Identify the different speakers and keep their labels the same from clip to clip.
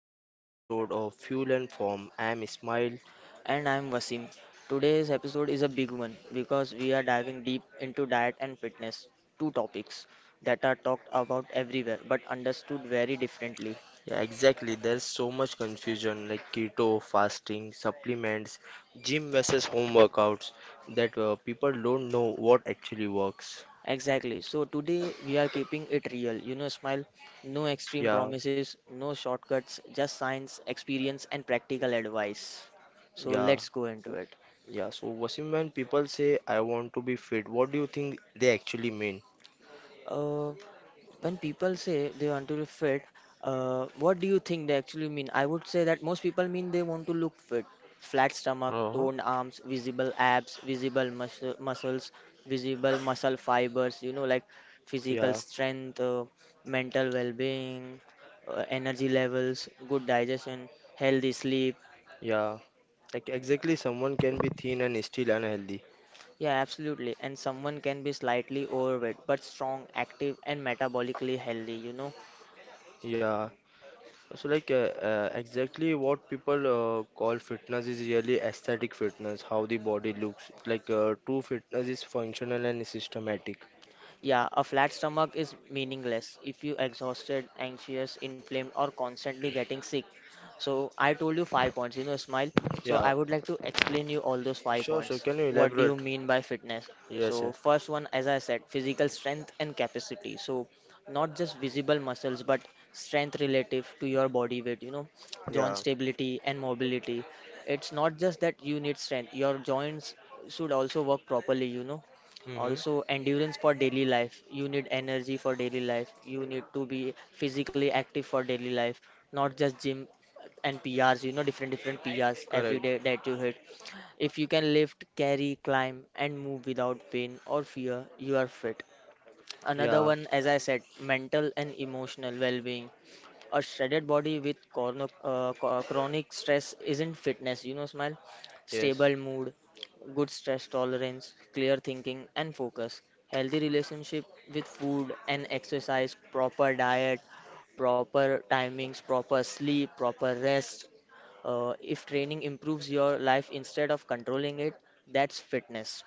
Speaker 1: another episode of Fuel and Form. I am Ismail.
Speaker 2: And I'm Vasim. Today's episode is a big one because we are diving deep into diet and fitness, two topics that are talked about everywhere but understood very differently.
Speaker 1: Yeah, exactly. There's so much confusion like keto, fasting, supplements, gym versus home workouts that people don't know what actually works.
Speaker 2: Exactly. So today we are keeping it real. You know, smile, no extreme
Speaker 1: Yeah,
Speaker 2: promises, no shortcuts, just science, experience, and practical advice. So
Speaker 1: yeah,
Speaker 2: let's go into it.
Speaker 1: yeah. So Wasim, when people say I want to be fit, what do you think they actually mean?
Speaker 2: Uh, when people say they want to look fit, what do you think they actually mean? I would say that most people mean they want to look fit. Flat stomach,
Speaker 1: Uh-huh.
Speaker 2: toned arms, visible abs, visible muscle, muscles, visible muscle fibers, like physical
Speaker 1: Yeah,
Speaker 2: strength, mental well being, energy levels, good digestion, healthy sleep.
Speaker 1: yeah. Like exactly, someone can be thin and still unhealthy.
Speaker 2: Yeah, absolutely. And someone can be slightly overweight but strong, active, and metabolically healthy, you know.
Speaker 1: Yeah. So like exactly what people call fitness is really aesthetic fitness, how the body looks. Like true fitness is functional and systematic.
Speaker 2: Yeah, a flat stomach is meaningless if you exhausted, anxious, inflamed, or constantly getting sick. So I told you 5 points, smile. So
Speaker 1: Yeah.
Speaker 2: I would like to explain you all those five
Speaker 1: Sure, sure.
Speaker 2: points.
Speaker 1: Can you
Speaker 2: What do
Speaker 1: elaborate?
Speaker 2: you mean by fitness?
Speaker 1: Yes,
Speaker 2: So
Speaker 1: yes.
Speaker 2: first one, as I said, physical strength and capacity. So not just visible muscles, but strength relative to your body weight, you know,
Speaker 1: Yeah.
Speaker 2: joint stability and mobility. It's not just that you need strength, your joints should also work properly, you know.
Speaker 1: Mm-hmm.
Speaker 2: Also endurance for daily life, you need energy for daily life, you need to be physically active for daily life, not just gym and prs, different different prs every
Speaker 1: Correct.
Speaker 2: day that you hit. If you can lift, carry, climb, and move without pain or fear, you are fit. Another
Speaker 1: Yeah.
Speaker 2: one, as I said, mental and emotional well being. A shredded body with chronic stress isn't fitness, smile. Stable mood, good stress tolerance, clear thinking, and focus. Healthy relationship with food and exercise, proper diet, proper timings, proper sleep, proper rest. If training improves your life instead of controlling it, that's fitness.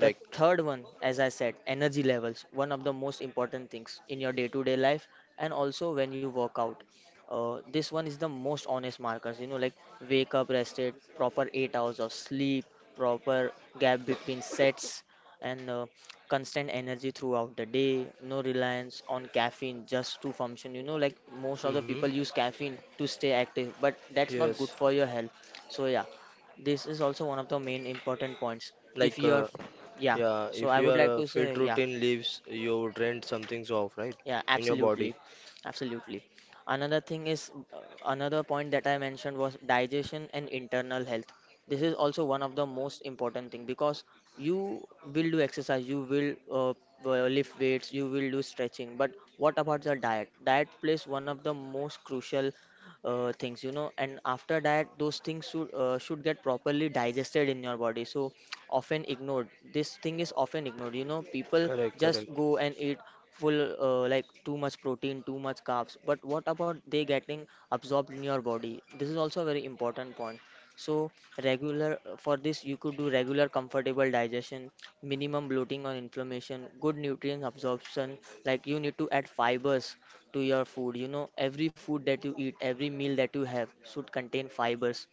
Speaker 2: The third one, as I said, energy levels, one of the most important things in your day to day life and also when you work out. This one is the most honest markers, like wake up rested, proper 8 hours of sleep, proper gap between sets, and constant energy throughout the day, no reliance on caffeine just to function. You know, like most of the
Speaker 1: Mm-hmm.
Speaker 2: people use caffeine to stay active, but
Speaker 1: That's good.
Speaker 2: that's not
Speaker 1: Yes,
Speaker 2: good for your health. So, yeah, this is also one of the main important points if
Speaker 1: like
Speaker 2: you are yeah.
Speaker 1: yeah,
Speaker 2: So
Speaker 1: if
Speaker 2: I
Speaker 1: one
Speaker 2: would
Speaker 1: your that
Speaker 2: like to
Speaker 1: fit
Speaker 2: say,
Speaker 1: yeah
Speaker 2: yeah,
Speaker 1: routine leaves, you drain some things off, right?
Speaker 2: yeah,
Speaker 1: Yeah. In your absolutely body.
Speaker 2: absolutely, absolutely. Another thing is, another point that I mentioned was digestion and internal health. This is also one of the most important thing because you will do exercise, you will lift weights, you will do stretching, but what about your diet? Diet plays one of the most crucial things, you know, and after diet, those things should get properly digested in your body, so often ignored this thing is often ignored, you know,
Speaker 1: Because
Speaker 2: people
Speaker 1: correct, there's
Speaker 2: just
Speaker 1: correct a
Speaker 2: go and eat full like too much protein, too much carbs, but what about they getting absorbed in your body? This is also a very important point. So regular for this you could do regular comfortable digestion, minimum bloating or inflammation, good nutrient absorption. Like you need to add fibers to your food, you know, every food that you eat, every meal that you have should contain fibers.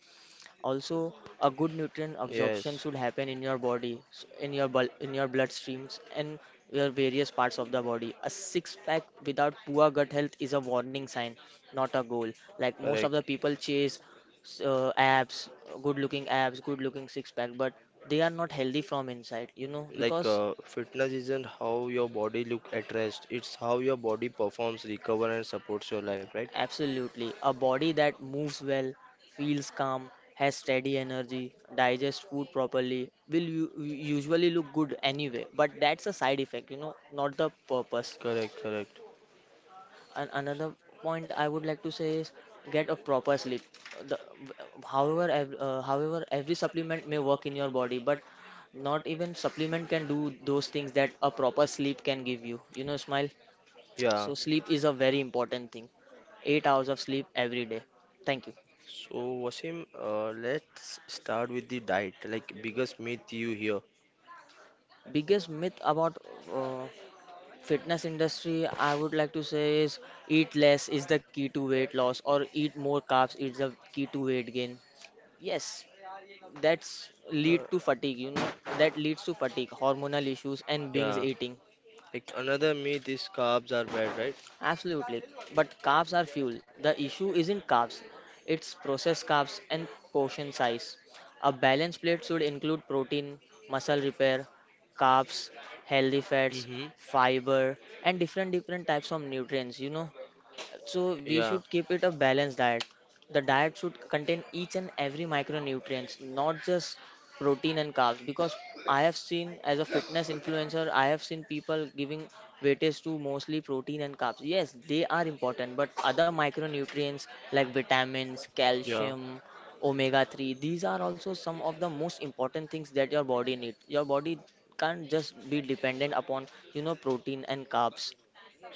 Speaker 2: Also, a good nutrient
Speaker 1: lot of things.
Speaker 2: absorption
Speaker 1: Yes,
Speaker 2: should happen in your body, in your bloodstreams and your various parts of the body. A six pack without poor gut health is a warning sign, not a goal. Like most of the people chase s- uh, abs, abs, good looking six pack, but they are not healthy from inside, you know,
Speaker 1: like
Speaker 2: because
Speaker 1: fitness isn't how your body look at rest, it's how your body performs, recover and supports your life, right?
Speaker 2: absolutely. A body that moves well, feels calm, has steady energy, digests food properly, usually look good anyway. But that's a side effect, you know, not the
Speaker 1: Yes,
Speaker 2: purpose.
Speaker 1: correct, correct.
Speaker 2: And another point I would like to say is get a proper sleep. The, However, every supplement may work in your body, but not even supplement can do those things that a proper sleep can give you. Smile.
Speaker 1: Yeah.
Speaker 2: So sleep is a very important thing. 8 hours of sleep every day. Thank you.
Speaker 1: So Wasim, let's start with the diet. Like biggest myth you hear.
Speaker 2: Biggest myth about uh, fitness industry I would like to say is eat less is the key to weight loss or eat more carbs is the key to weight gain. Yes,
Speaker 1: Yeah,
Speaker 2: that leads to fatigue, hormonal issues and binge
Speaker 1: Yeah.
Speaker 2: eating.
Speaker 1: Like another myth is carbs are bad, right?
Speaker 2: Absolutely. But carbs are fuel. The issue isn't carbs, it's processed carbs and portion size. A balanced plate should include protein, muscle repair, carbs, healthy fats,
Speaker 1: Mm-hmm.
Speaker 2: fiber, and different different types of nutrients, you know. So we
Speaker 1: Yeah.
Speaker 2: should keep it a balanced diet. The diet should contain each and every micronutrients, not just protein and carbs. Because I have seen as a fitness influencer, I have seen people giving weightage to mostly protein and carbs. Yes, they are important, but other micronutrients like vitamins,
Speaker 1: Yeah,
Speaker 2: calcium, omega 3, these are also some of the most important things that your body needs. Your body can't just be dependent upon, you know, protein and carbs.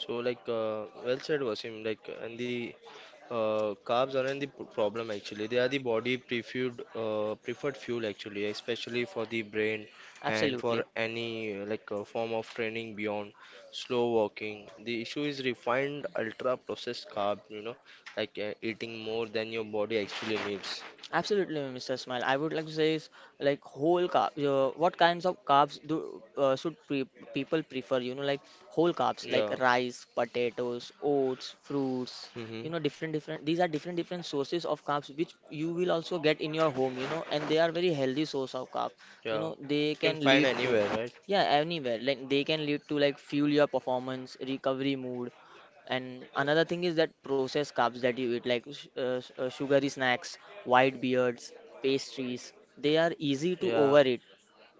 Speaker 1: so like well said Wasim, like and the carbs aren't the problem actually. They are the body preferred preferred fuel actually, especially for the brain and for
Speaker 2: Absolutely.
Speaker 1: any like form of training beyond slow walking. The issue is refined ultra processed carb, you know, like eating more than your body actually needs.
Speaker 2: Absolutely, Mr. Smile. I would like to say is like whole carbs. What kinds of carbs do should pre people prefer? You know, like whole carbs, like
Speaker 1: Yeah.
Speaker 2: rice, potatoes, oats, fruits. You
Speaker 1: Mm-hmm.
Speaker 2: know, different different. These are different different sources of carbs which you will also get in your home. You know, and they are very healthy source of carbs. You
Speaker 1: Yeah.
Speaker 2: know, they
Speaker 1: You can
Speaker 2: can
Speaker 1: find
Speaker 2: lead to
Speaker 1: anywhere, right?
Speaker 2: yeah anywhere. Like they can lead to like fuel your performance, recovery mood, and another thing is that processed carbs that you eat, like sugary snacks, white beards, pastries, they are easy to
Speaker 1: Yeah.
Speaker 2: overeat.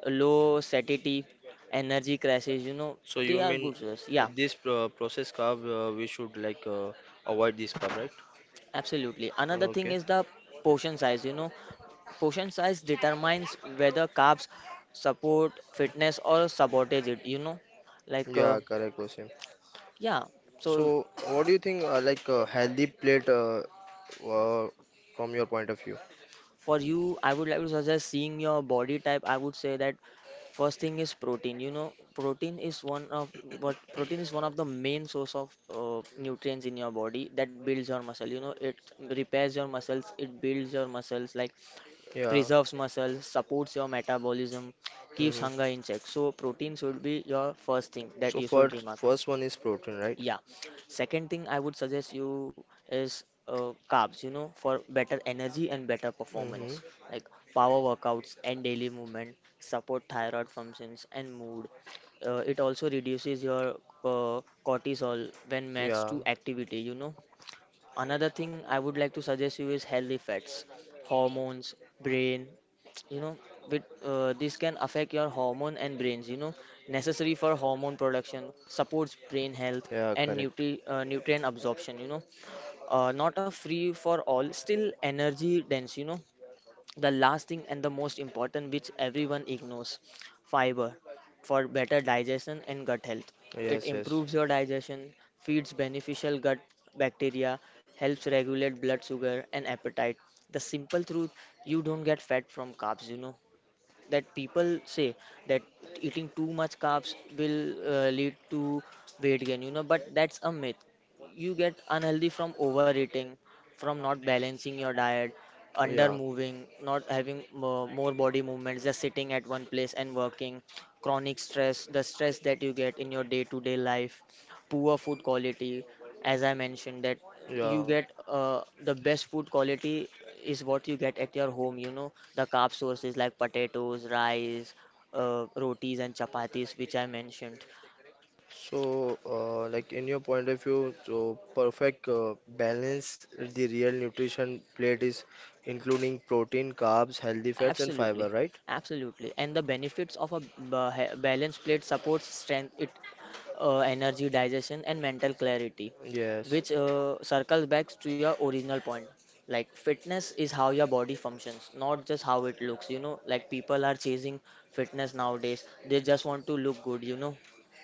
Speaker 2: Low satiety, energy crashes, you know,
Speaker 1: So you
Speaker 2: they are
Speaker 1: mean
Speaker 2: good source. Yeah,
Speaker 1: this pro process carb, we should like avoid this carb, right?
Speaker 2: absolutely. Another thing
Speaker 1: Okay.
Speaker 2: is the portion size, you know, portion size determines whether carbs support fitness or sabotage it, you know, like, uh,
Speaker 1: Yeah, correct, Wasim.
Speaker 2: yeah. So
Speaker 1: So what do you think like a healthy plate uh, from your point of view?
Speaker 2: for you I would like to suggest seeing your body type, I would say that first thing is protein. You know, protein is one of protein is one of the main source of nutrients in your body that builds your muscle. You know, it repairs your muscles, it builds your muscles, like
Speaker 1: Yeah.
Speaker 2: preserves muscles, supports your metabolism, keeps
Speaker 1: Hmm.
Speaker 2: hunger in check. So protein should be your first thing that
Speaker 1: So
Speaker 2: you should
Speaker 1: first
Speaker 2: remark.
Speaker 1: first one is protein, right?
Speaker 2: Yeah. Second thing I would suggest you is carbs, you know, for better energy and better
Speaker 1: Hmm.
Speaker 2: performance, like power workouts and daily movement, support thyroid functions and mood. It also reduces your cortisol when matched
Speaker 1: Yeah.
Speaker 2: to activity, you know. Another thing I would like to suggest you is healthy fats, hormones, brain. You know, this can affect your hormone and brains. You know, necessary for hormone production, supports brain health
Speaker 1: Yeah,
Speaker 2: and
Speaker 1: correct.
Speaker 2: nutrient absorption. You know, not a free for all, still energy dense. You know, the last thing and the most important, which everyone ignores, fiber for better digestion and gut health. It
Speaker 1: Yes, yes.
Speaker 2: improves your digestion, feeds beneficial gut bacteria, helps regulate blood sugar and appetite. The simple truth, you don't get fat from carbs, you know. That people say that eating too much carbs will lead to weight gain, you know, but that's a myth. You get unhealthy from overeating, from not balancing your diet, under
Speaker 1: Yeah.
Speaker 2: moving, not having mo- more body movements, just sitting at one place and working, chronic stress, the stress that you get in your day to day life, poor food quality. As I mentioned that you
Speaker 1: Yeah.
Speaker 2: get the best food quality is what you get at your home, you know, the carb sources like potatoes, rice, rotis and chapatis, which I mentioned.
Speaker 1: So, like in your point of view, so perfect balance the real nutrition plate is including protein, carbs, healthy fats, and
Speaker 2: Absolutely.
Speaker 1: fiber, right?
Speaker 2: Absolutely. And the benefits of a balanced plate supports strength, it energy, digestion, and mental clarity,
Speaker 1: Yes.
Speaker 2: which circles back to your original point. Like fitness is how your body functions, not just how it looks. You know, like people are chasing fitness nowadays. They just want to look good. You know,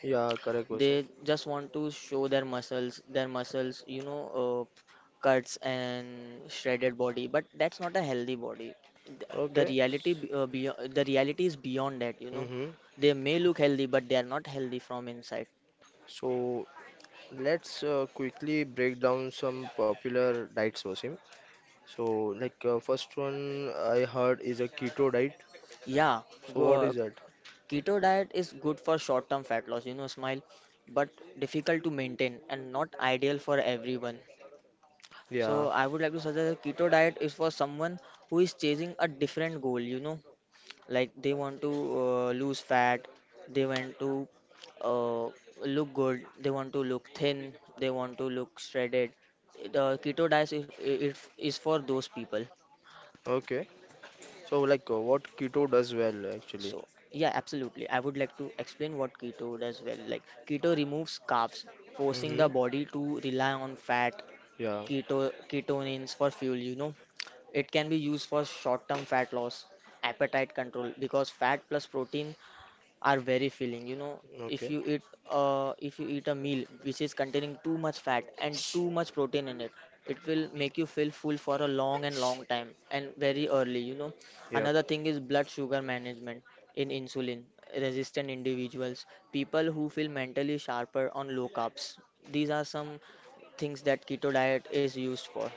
Speaker 1: Yeah, correct question.
Speaker 2: they just want to show their muscles, you know, cuts and shredded body, but that's not a healthy body. Th- The
Speaker 1: Okay.
Speaker 2: reality, be- uh, be, the reality is beyond that, you know.
Speaker 1: Mm-hmm.
Speaker 2: They may look healthy, but they are not healthy from inside.
Speaker 1: So let's quickly break down some popular diets, Wasim. So, like first one I heard is a keto diet.
Speaker 2: Yeah,
Speaker 1: So
Speaker 2: go,
Speaker 1: what
Speaker 2: uh,
Speaker 1: is that?
Speaker 2: Keto diet is good for short-term fat loss, smile, but difficult to maintain and not ideal for everyone. So
Speaker 1: Yeah.
Speaker 2: I would like to suggest a keto diet is for someone who is chasing a different goal, you know, like they want to lose fat. They want to uh, look good. They want to look thin. They want to look shredded. The keto diet is for those people.
Speaker 1: Okay. So like what keto does well actually.
Speaker 2: So yeah, absolutely, I would like to explain what keto does well. Like, keto removes carbs, forcing the
Speaker 1: Mm-hmm.
Speaker 2: body to rely on fat,
Speaker 1: Yeah.
Speaker 2: keto ketonins for fuel, you know. It can be used for short term fat loss, appetite control, because fat plus protein are very filling, you know. if
Speaker 1: Okay.
Speaker 2: you eat if you eat a meal which is containing too much fat and too much protein in it, it will make you feel full for a long and long time and very early, you know.
Speaker 1: Yeah.
Speaker 2: Another thing is blood sugar management in insulin resistant individuals, people who feel mentally sharper on low carbs. These are some things that keto diet is used for.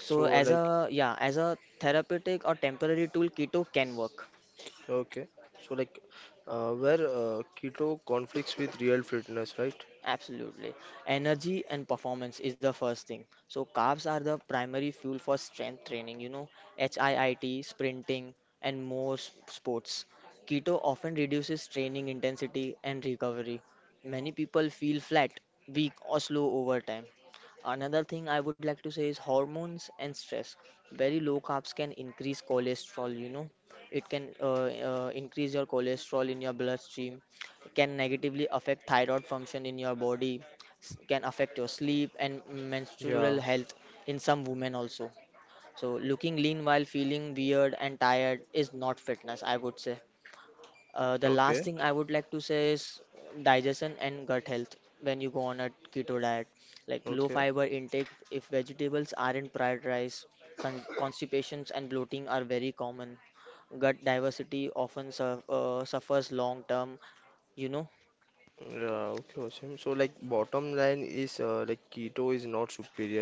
Speaker 2: So
Speaker 1: So
Speaker 2: as a,
Speaker 1: like
Speaker 2: yeah, as a therapeutic or temporary tool, keto can work.
Speaker 1: okay. So like where keto conflicts with real fitness, right?
Speaker 2: Absolutely. Energy and performance is the first thing. So carbs are the primary fuel for strength training, you know, HIIT, sprinting, and more sports. Keto often reduces training intensity and recovery. Many people feel flat, weak, or slow over time. Another thing I would like to say is hormones and stress. Very low carbs can increase cholesterol, you know. It can increase your cholesterol in your bloodstream, can negatively affect thyroid function in your body, can affect your sleep and
Speaker 1: Yeah.
Speaker 2: menstrual health in some women also. So looking lean while feeling weird and tired is not fitness, I would say. The last
Speaker 1: Okay.
Speaker 2: thing I would like to say is digestion and gut health. When you go on a keto diet, like low
Speaker 1: Okay.
Speaker 2: fiber intake, if vegetables aren't prioritized, constipations and bloating are very common. Gut diversity often suffers long term, you know.
Speaker 1: Yeah. Okay, Wasim. So like bottom line is like keto is not superior.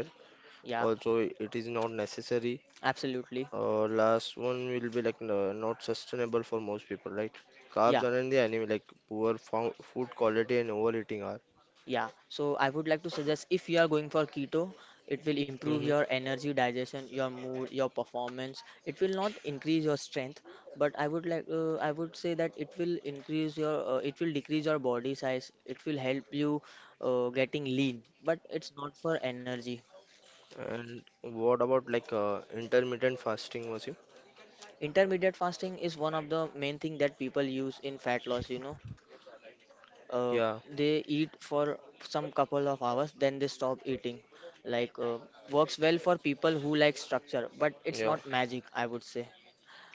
Speaker 2: Yeah.
Speaker 1: Also, it is not necessary.
Speaker 2: Absolutely.
Speaker 1: Last one will be like no, not sustainable for most people, right? Carbs
Speaker 2: Yeah,
Speaker 1: are in the enemy. Like poor food quality and overeating are.
Speaker 2: yeah. So I would like to suggest if you are going for keto, it will improve
Speaker 1: Mm-hmm.
Speaker 2: your energy, digestion, your mood, your performance. It will not increase your strength, but I would say that it will decrease your body size. It will help you getting lean, but it's not for energy.
Speaker 1: And what about like intermittent fasting, Wasim?
Speaker 2: Intermediate fasting is one of the main thing that people use in fat loss, you know. uh,
Speaker 1: Yeah,
Speaker 2: they eat for some couple of hours, then they stop eating. like uh, Works well for people who like structure, but it's
Speaker 1: yeah.
Speaker 2: not magic, I would say.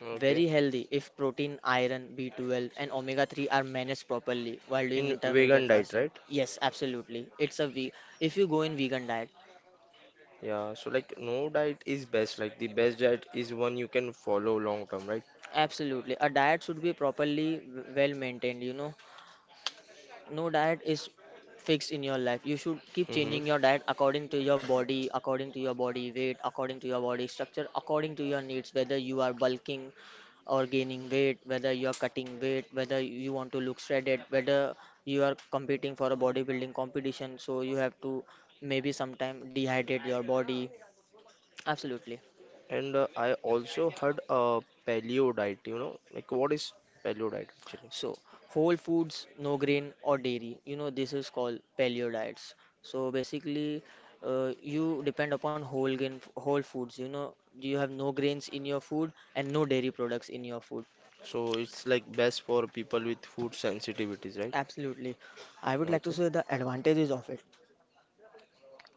Speaker 1: Okay.
Speaker 2: Very healthy if protein, iron, B12 and omega 3 are managed properly while
Speaker 1: In
Speaker 2: doing
Speaker 1: vegan
Speaker 2: intermediate
Speaker 1: diet,
Speaker 2: fasting.
Speaker 1: right?
Speaker 2: Yes, absolutely. If you go in vegan diet.
Speaker 1: Yeah, so like no diet is best. Like the best diet is one you can follow long term, right?
Speaker 2: Absolutely, a diet should be properly well maintained, you know. No diet is fixed in your life. You should keep
Speaker 1: Mm-hmm.
Speaker 2: changing your diet according to your body, according to your body weight, according to your body structure, according to your needs, whether you are bulking or gaining weight, whether you are cutting weight, whether you want to look shredded, whether you are competing for a bodybuilding competition. So you have to maybe sometime dehydrate your body, absolutely.
Speaker 1: And I also heard paleo diet, you know, like what is paleo diet actually?
Speaker 2: So, whole foods, no grain or dairy. You know, this is called paleo diets. So basically, you depend upon whole grain, whole foods. You know, you have no grains in your food and no dairy products in your food.
Speaker 1: So it's like best for people with food sensitivities, right?
Speaker 2: Absolutely. I would like to
Speaker 1: Okay.
Speaker 2: say the advantages of it.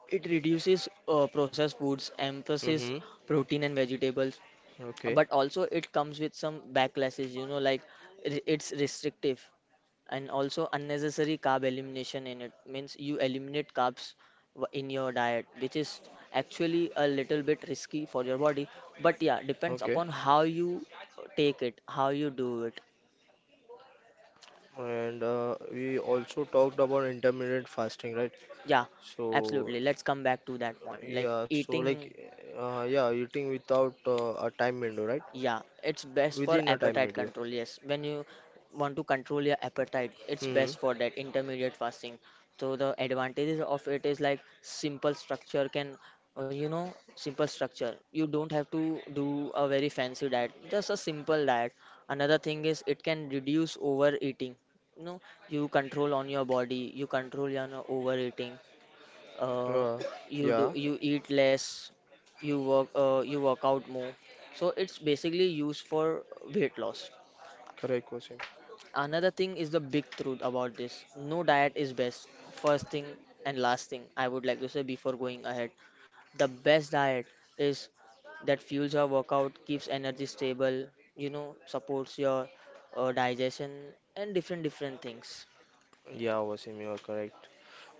Speaker 2: It reduces processed foods, emphasis
Speaker 1: Mm-hmm.
Speaker 2: protein and vegetables,
Speaker 1: Okay.
Speaker 2: but also it comes with some backlashes. You know, like, it's restrictive. And also unnecessary carb elimination in it, means you eliminate carbs in your diet, which is actually a little bit risky for your body. But yeah, depends
Speaker 1: Okay.
Speaker 2: upon how you take it, how you do it.
Speaker 1: And we also talked about intermittent fasting, right?
Speaker 2: Yeah,
Speaker 1: So
Speaker 2: absolutely. Let's come back to that point, like
Speaker 1: yeah, so like
Speaker 2: eating.
Speaker 1: yeah, eating without a time window, right?
Speaker 2: Yeah, it's best for
Speaker 1: Within a time
Speaker 2: appetite
Speaker 1: window.
Speaker 2: control. Yes, when you want to control your appetite, it's
Speaker 1: Mm-hmm.
Speaker 2: best for that intermediate fasting. So the advantages of it is like, you know, simple structure. You don't have to do a very fancy diet, just a simple diet. Another thing is it can reduce overeating. You know, you control on your body, you control your overeating. uh,
Speaker 1: Uh, yeah,
Speaker 2: you eat less, you work out more. So it's basically used for weight loss.
Speaker 1: correct, Wasim.
Speaker 2: Another thing is the big truth about this. No diet is best, first thing. And last thing I would like to say before going ahead, the best diet is that fuels your workout, keeps energy stable, you know, supports your digestion and different different things.
Speaker 1: Yeah, Wasim, you are correct.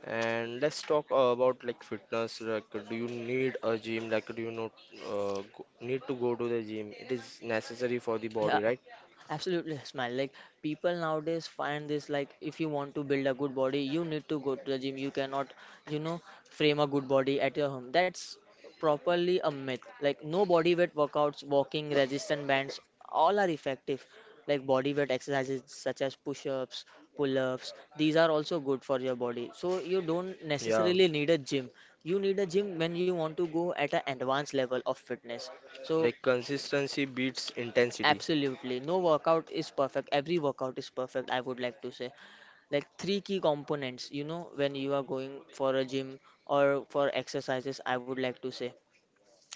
Speaker 1: And let's talk about like fitness. Like, do you need a gym? Like, do you not need to go to the gym? It is necessary for the
Speaker 2: Yeah,
Speaker 1: body, right?
Speaker 2: absolutely, Smile. Like, people nowadays find this, like, if you want to build a good body, you need to go to the gym. You cannot, you know, frame a good body at your home. That's properly a myth. Like, no, body weight workouts, walking, resistance bands, all are effective. Like body weight exercises such as push-ups, pull-ups, these are also good for your body. So you don't
Speaker 1: Yeah.
Speaker 2: necessarily need a gym. You need a gym when you want to go at an advanced level of fitness, so.
Speaker 1: Like consistency beats intensity.
Speaker 2: Absolutely, no workout is perfect, every workout is perfect, I would like to say. Like, three key components, you know, when you are going for a gym or for exercises, I would like to say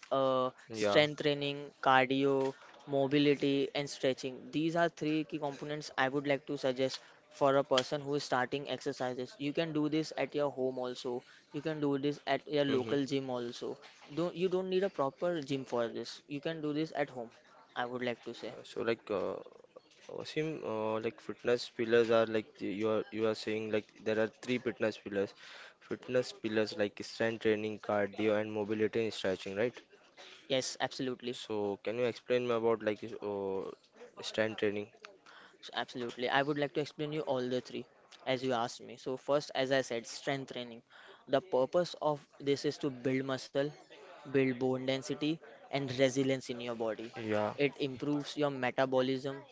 Speaker 1: Yeah.
Speaker 2: strength training, cardio, mobility, and stretching. These are three key components I would like to suggest for a person who is starting exercises. You can do this at your home also. You can do this at your
Speaker 1: Hmm.
Speaker 2: local gym also. Don't You don't need a proper gym for this. You can do this at home, I would like to say.
Speaker 1: Uh, So like uh, Wasim, like fitness pillars are like you are saying like there are three fitness pillars like strength training, cardio, and mobility and stretching, right?
Speaker 2: Yes, absolutely.
Speaker 1: So can you explain me about like strength training?
Speaker 2: So absolutely, I would like to explain you all the three as you asked me. So first, as I said, strength training. The purpose of this is to build muscle, build bone density and resilience in your body.
Speaker 1: Yeah.
Speaker 2: It improves your metabolism,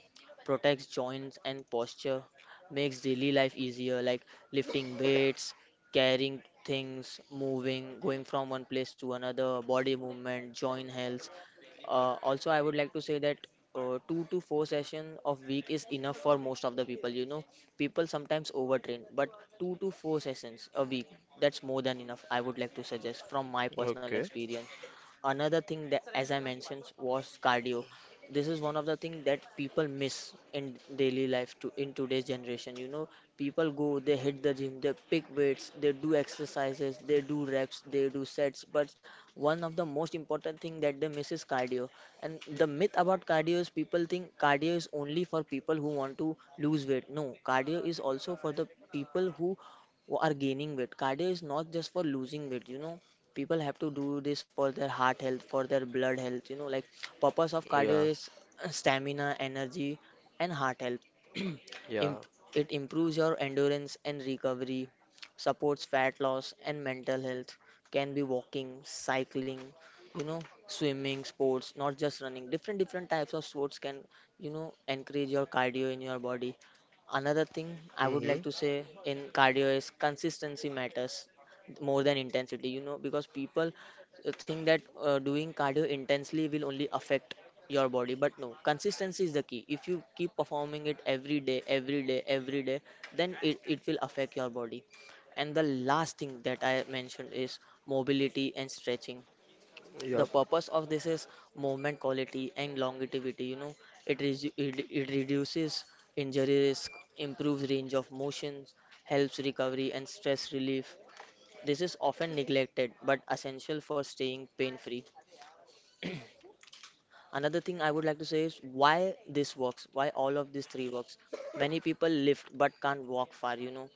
Speaker 2: protects joints and posture, makes daily life easier, like lifting weights, carrying things, moving, going from one place to another, body movement, joint health. Also, I would like to say that 2 to 4 session of week is enough for most of the people. You know, people sometimes overtrain, but 2 to 4 sessions a week, that's more than enough. I would like to suggest from my personal
Speaker 1: Okay.
Speaker 2: experience. Another thing that, as I mentioned, was cardio. This is one of the things that people miss in daily life, to in today's generation, you know. People go, they hit the gym, they pick weights, they do exercises, they do reps, they do sets. But one of the most important thing that they miss is cardio. And the myth about cardio is people think cardio is only for people who want to lose weight. No, cardio is also for the people who are gaining weight. Cardio is not just for losing weight, you know. People have to do this for their heart health, for their blood health, you know. Like, purpose of cardio
Speaker 1: Yeah.
Speaker 2: is stamina, energy, and heart health.
Speaker 1: Yeah.
Speaker 2: Imp- it improves your endurance and recovery, supports fat loss and mental health. Can be walking, cycling, you know, swimming, sports, not just running. Different different types of sports can, you know, encourage your cardio in your body. Another thing I would
Speaker 1: Mm-hmm.
Speaker 2: like to say in cardio is consistency matters more than intensity, you know, because people think that doing cardio intensely will only affect your body. But no, consistency is the key. If you keep performing it every day, every day, every day, then it will affect your body. And the last thing that I mentioned is mobility and stretching. The
Speaker 1: Yep.
Speaker 2: purpose of this is movement quality and longevity, you know. It reduces injury risk, improves range of motions, helps recovery and stress relief. This is often neglected but essential for staying pain free. Another thing I would like to say is why this works, why all of these three works. Many people lift but can't walk far, you know.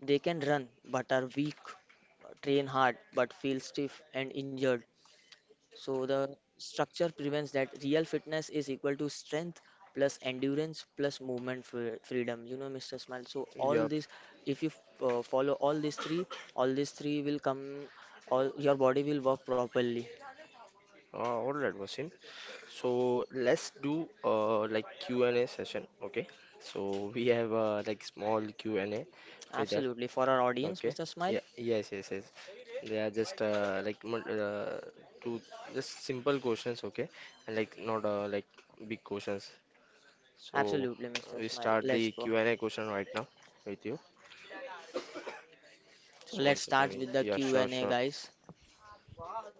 Speaker 2: They can run but are weak, train hard but feel stiff and injured. So the structure prevents that. Real fitness is equal to strength plus endurance plus movement freedom. You know, Mr. Smile. So all
Speaker 1: Yep.
Speaker 2: this, if you follow all these three will come. All your body will work properly.
Speaker 1: All right, Wasim. So let's do like Q and A session, okay? So we have like small Q and A with us.
Speaker 2: Absolutely. For our audience,
Speaker 1: Okay.
Speaker 2: Mr. Smile.
Speaker 1: Yeah. Yes. Yes. Yes. They are just two just simple questions. Okay. And like not like big questions. So
Speaker 2: Absolutely, Mr.
Speaker 1: we
Speaker 2: Smile.
Speaker 1: start the
Speaker 2: Let's go.
Speaker 1: Q and A question right now with you.
Speaker 2: So
Speaker 1: So one
Speaker 2: let's start
Speaker 1: second.
Speaker 2: with the
Speaker 1: Yeah. Sure.
Speaker 2: Q&A,
Speaker 1: Sure.
Speaker 2: guys.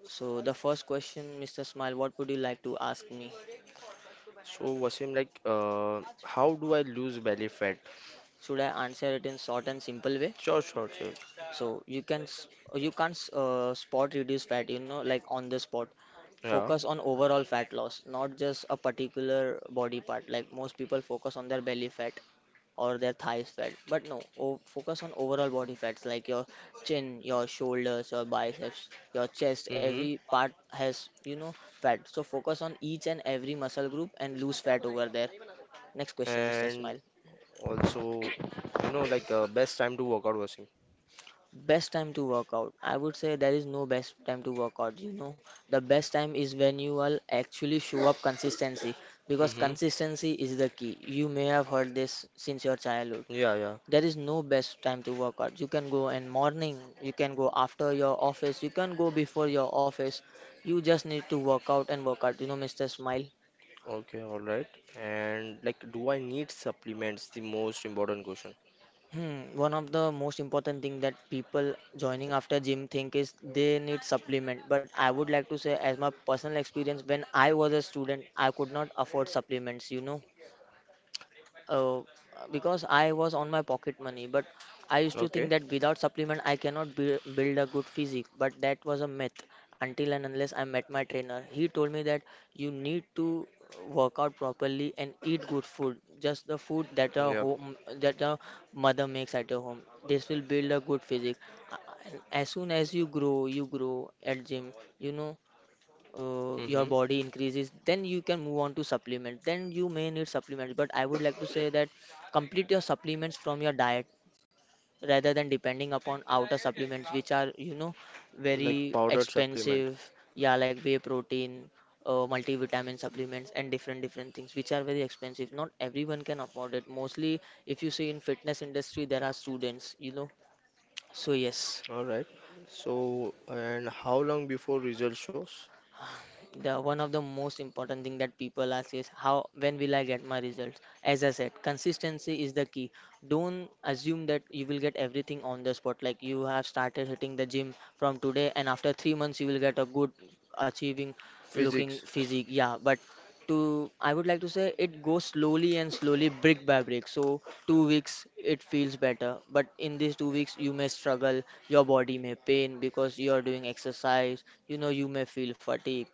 Speaker 2: So the first question, Mr. Smile, what would you like to ask me?
Speaker 1: So Wasim, like, how do I lose belly fat?
Speaker 2: Should I answer it in short and simple way?
Speaker 1: Sure. Sure. Sure.
Speaker 2: So you can't spot reduce fat, you know, like on the spot.
Speaker 1: Yeah.
Speaker 2: Focus on overall fat loss, not just a particular body part. Like most people focus on their belly fat or their thighs fat, but no, o focus on overall body fats like your chin, your shoulders, your biceps, your chest.
Speaker 1: Mm-hmm.
Speaker 2: Every part has, you know, fat. So focus on each and every muscle group and lose fat over there. Next question, Mr.
Speaker 1: And
Speaker 2: Smile.
Speaker 1: also, you know, like best time to work out.
Speaker 2: Best time to work out. I would say there is no best time to work out, you know. The best time is when you will actually show up consistency because
Speaker 1: Mm-hmm.
Speaker 2: consistency is the key. You may have heard this since your childhood.
Speaker 1: Yeah, yeah.
Speaker 2: There is no best time to work out. You can go in morning, you can go after your office, you can go before your office. You just need to work out and work out. You know, Mr. Smile.
Speaker 1: Okay, all right. And like, do I need supplements? The most important question.
Speaker 2: Hmm, one of the most important thing that people joining after gym think is they need supplement. But I would like to say, as my personal experience, when I was a student, I could not afford supplements, you know, uh, because I was on my pocket money. But I used to think
Speaker 1: Okay.
Speaker 2: that without supplement, I cannot build a good physique. But that was a myth until and unless I met my trainer. He told me that you need to work out properly and eat good food. Just the food that a
Speaker 1: Yeah.
Speaker 2: home that a mother makes at your home. This will build a good physique. Uh, And as soon as you grow at gym. You know, your
Speaker 1: Mm-hmm.
Speaker 2: body increases, then you can move on to supplement, then you may need supplements. But I would like to say that complete your supplements from your diet rather than depending upon outer supplements, which are, you know,
Speaker 1: Like
Speaker 2: very
Speaker 1: powdered supplement.
Speaker 2: expensive. Yeah, like whey protein, multivitamin supplements and different different things, which are very expensive. Not everyone can afford it. Mostly if you see in fitness industry, there are students, you know, so yes.
Speaker 1: All right. So, and how long before result shows?
Speaker 2: The one of the most important thing that people ask is how, when will I get my results? As I said, consistency is the key. Don't assume that you will get everything on the spot, like you have started hitting the gym from today and after 3 months you will get a good achieving looking
Speaker 1: Physics.
Speaker 2: physique. Yeah, but to I would like to say it goes slowly and slowly, brick by brick. So 2 weeks, it feels better, but in these 2 weeks you may struggle, your body may pain because you are doing exercise, you know, you may feel fatigue.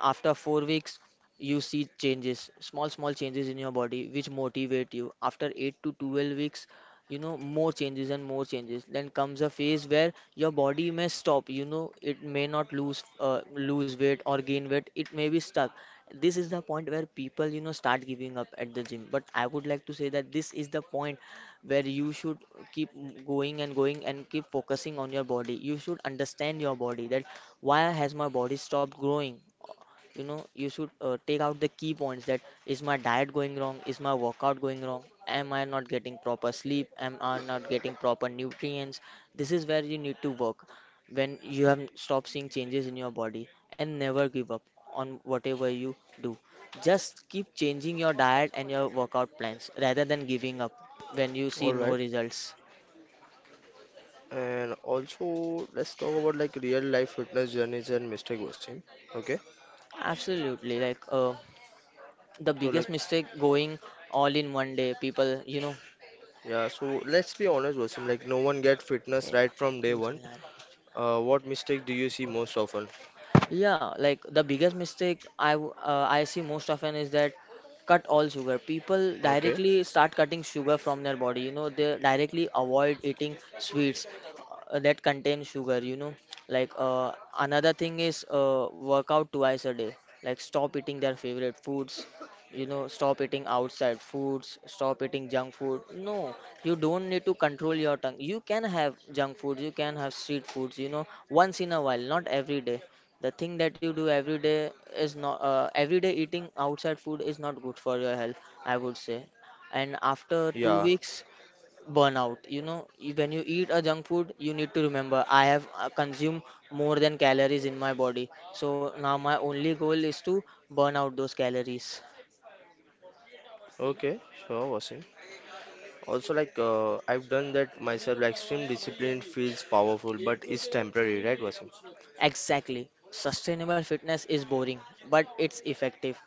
Speaker 2: After 4 weeks, you see changes, small, small changes in your body, which motivate you. After eight to 12 weeks, you know, more changes and more changes. Then comes a phase where your body may stop, you know, it may not lose weight or gain weight, it may be stuck. This is the point where people, you know, start giving up at the gym. But I would like to say that this is the point where you should keep going and going and keep focusing on your body. You should understand your body that why has my body stopped growing. You know, you should take out the key points, that is my diet going wrong, is my workout going wrong, am I not getting proper sleep, am I not getting proper nutrients? This is where you need to work, when you have stopped seeing changes in your body, and never give up on whatever you do. Just keep changing your diet and your workout plans rather than giving up when you see
Speaker 1: All
Speaker 2: no
Speaker 1: right.
Speaker 2: results.
Speaker 1: And also, let's talk about like real life fitness journeys and mistake, Wasim. Okay.
Speaker 2: Absolutely. Like the
Speaker 1: So like
Speaker 2: biggest mistake going all in one day people, you know.
Speaker 1: yeah, so let's be honest, Wasim. Like, no one get fitness right from day one. What mistake do you see most often?
Speaker 2: Yeah, like the biggest mistake I see most often is that cut all sugar. People
Speaker 1: Okay,
Speaker 2: directly start cutting sugar from their body. You know, they directly avoid eating sweets that contain sugar. You know, like another thing is work out twice a day. Like stop eating their favorite foods. You know, stop eating outside foods. Stop eating junk food. No, you don't need to control your tongue. You can have junk food. You can have street foods. You know, once in a while, not every day. The thing that you do every day is not, every day eating outside food is not good for your health, I would say. And after 2
Speaker 1: yeah,
Speaker 2: weeks, burnout, you know. When you eat a junk food, you need to remember I have consumed more than calories in my body. So now my only goal is to burn out those calories.
Speaker 1: okay, sure, Wasim. Also, like, I've done that myself. Like, extreme discipline feels powerful, but it's temporary, right, Wasim?
Speaker 2: Exactly. Sustainable fitness is boring, but it's effective.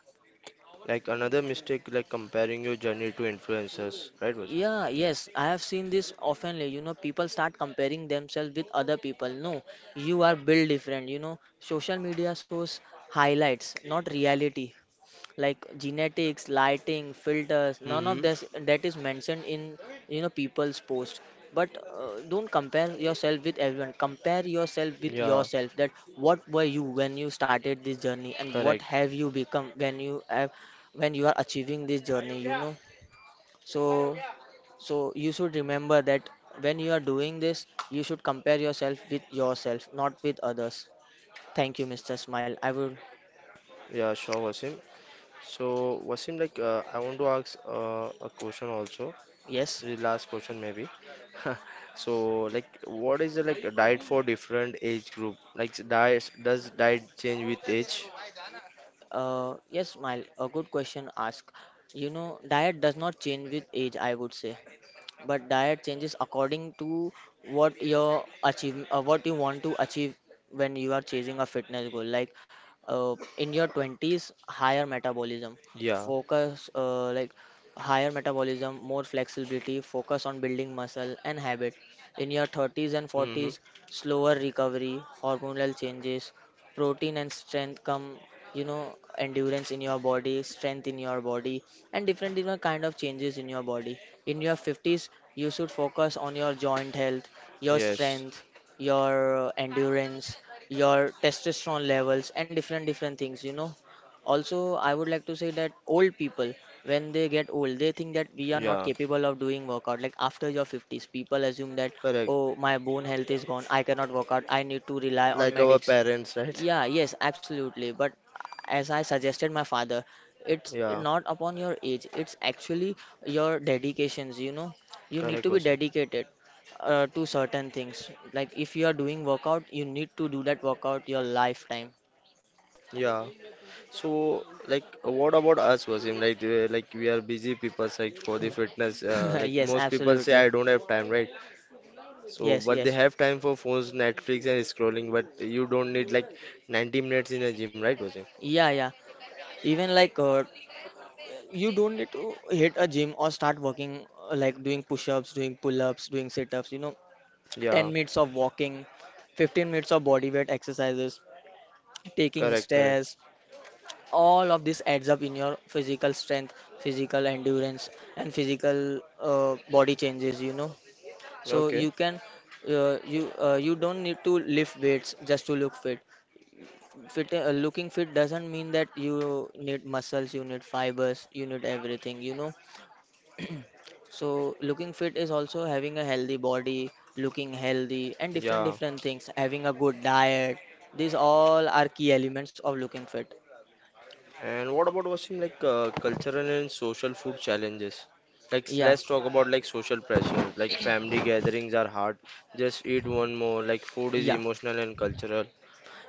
Speaker 1: Like, another mistake, like comparing your journey to influencers, right, Wasim?
Speaker 2: Yeah, yes, I have seen this oftenly. You know, people start comparing themselves with other people. No, you are built different. You know, social media shows highlights, not reality. Like genetics, lighting, filters, none
Speaker 1: Hmm.
Speaker 2: of this that is mentioned in, you know, people's post. But don't compare yourself with everyone. Compare yourself with
Speaker 1: Yeah,
Speaker 2: yourself. That what were you when you started.
Speaker 1: correct.
Speaker 2: So, so you should remember that when you are doing this, you should compare yourself with yourself, not with others. Thank you, Mr. Smile. I would,
Speaker 1: Yeah, sure, Wasim. So, Wasim, like, I want to ask a question also,
Speaker 2: yes.
Speaker 1: the last question maybe. So, like, what is the like a diet for different age group? Like, diet does diet change with age?
Speaker 2: Yes, Smile, a good question Ask. You know, diet does not change with age, I would say. But diet changes according to what your achieve what you want to achieve when you are chasing a fitness goal. Like in your 20s, higher metabolism,
Speaker 1: Yeah,
Speaker 2: focus like higher metabolism, more flexibility, focus on building muscle and habit. In your 30s and
Speaker 1: hmm,
Speaker 2: 40s, slower recovery, hormonal changes, protein and strength come, you know, endurance in your body, strength in your body, and different different kind of changes in your body. In your 50s, you should focus on your joint health, your
Speaker 1: yes.
Speaker 2: strength, your endurance, your testosterone levels and different different things, you know. Also I would like to say that old people, when they get old, they think that we are not
Speaker 1: Yeah,
Speaker 2: capable of doing workout. Like after your 50s, people assume that,
Speaker 1: correct.
Speaker 2: oh, my bone health is gone, I cannot work out, I need to rely on
Speaker 1: Like our
Speaker 2: medics.
Speaker 1: parents, right?
Speaker 2: Yeah, yes, absolutely. But as I suggested my father, it's
Speaker 1: Yeah,
Speaker 2: not upon your age, it's actually your dedications, you know. You need
Speaker 1: correct
Speaker 2: to be
Speaker 1: question.
Speaker 2: dedicated to certain things. Like if you are doing workout, you need to do that workout your lifetime.
Speaker 1: Yeah. So, like, what about us, Wasim? Like we are busy people, like for the fitness. Like
Speaker 2: Yes,
Speaker 1: most people say,
Speaker 2: absolutely.
Speaker 1: I don't have time, right? So,
Speaker 2: Yes,
Speaker 1: but they
Speaker 2: yes.
Speaker 1: have time for phones, Netflix, and scrolling. But you don't need like 90 minutes in a gym, right, Wasim?
Speaker 2: Yeah, yeah. Even like you don't need to hit a gym or start working like doing push-ups, doing pull-ups, doing sit-ups, you know.
Speaker 1: Yeah,
Speaker 2: 10 minutes of walking, 15 minutes of body weight exercises, taking
Speaker 1: correct, correct.
Speaker 2: stairs, all of this adds up in your physical strength, physical endurance, and physical body changes, you know. So
Speaker 1: Okay.
Speaker 2: you can, you don't need to lift weights just to look fit. Looking fit doesn't mean that you need muscles, you need fibers, you need everything, you know. So looking fit is also having a healthy body, looking healthy, and different
Speaker 1: Yeah.
Speaker 2: different things. Having a good diet. These all are key elements of looking fit.
Speaker 1: And what about Wasim, like cultural and social food challenges? Like
Speaker 2: Yeah.
Speaker 1: let's talk about like social pressure. Like family gatherings are hard. Just eat one more. Like food is
Speaker 2: Yeah.
Speaker 1: emotional and cultural.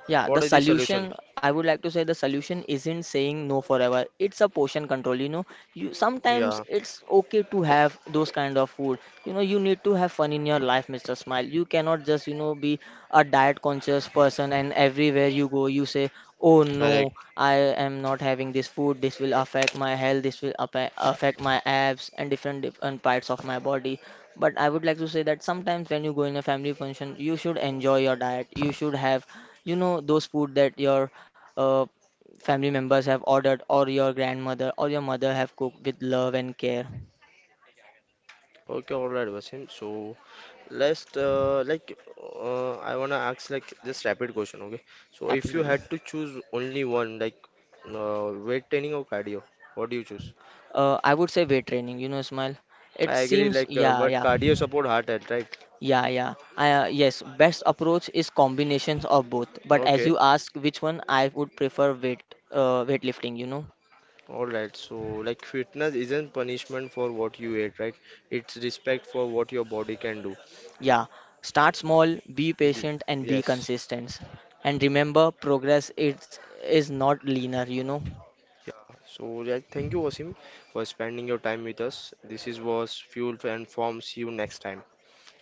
Speaker 2: Yeah, the
Speaker 1: What is the solution?
Speaker 2: solution, I would like to say, the solution isn't saying no forever. It's a portion control, you know. You sometimes
Speaker 1: Yeah,
Speaker 2: it's okay to have those kind of food. You know, you need to have fun in your life, Mr. Smile. You cannot just, you know, be a diet conscious person and everywhere you go you say, "Oh no,
Speaker 1: correct.
Speaker 2: I am not having this food. This will affect my health. This will affect my abs and different different parts of my body." But I would like to say that sometimes when you go in a family function, you should enjoy your diet. You should have, you know, those food that your uh, family members have ordered, or your grandmother or your mother have cooked with love and care.
Speaker 1: Okay, all right, Wasim. So let's I wanna ask like this rapid question. Okay. So if you
Speaker 2: Absolutely.
Speaker 1: had to choose only one, like weight training or cardio, what do you choose?
Speaker 2: I would say weight training, you know, Ismail. It
Speaker 1: I agree.
Speaker 2: seems,
Speaker 1: Like,
Speaker 2: yeah,
Speaker 1: but
Speaker 2: yeah.
Speaker 1: cardio support heart health, right?
Speaker 2: Yeah, yeah. Yes, best approach is combinations of both. But as
Speaker 1: Okay.
Speaker 2: you ask which one, I would prefer weightlifting, you know.
Speaker 1: All right, so like fitness isn't punishment for what you ate, right? It's respect for what your body can do.
Speaker 2: Yeah, start small, be
Speaker 1: Y-
Speaker 2: patient, and be
Speaker 1: Yes.
Speaker 2: consistent. And remember, progress is not linear, you know.
Speaker 1: So like, thank you, Wasim, for spending your time with us. This is was Fuel and Form. See you next time.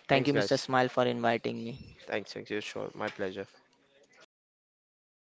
Speaker 2: Thank
Speaker 1: Thanks,
Speaker 2: you, Mr.
Speaker 1: guys.
Speaker 2: Smile, for inviting me.
Speaker 1: Thanks, thanks, yeah. Sure, my pleasure.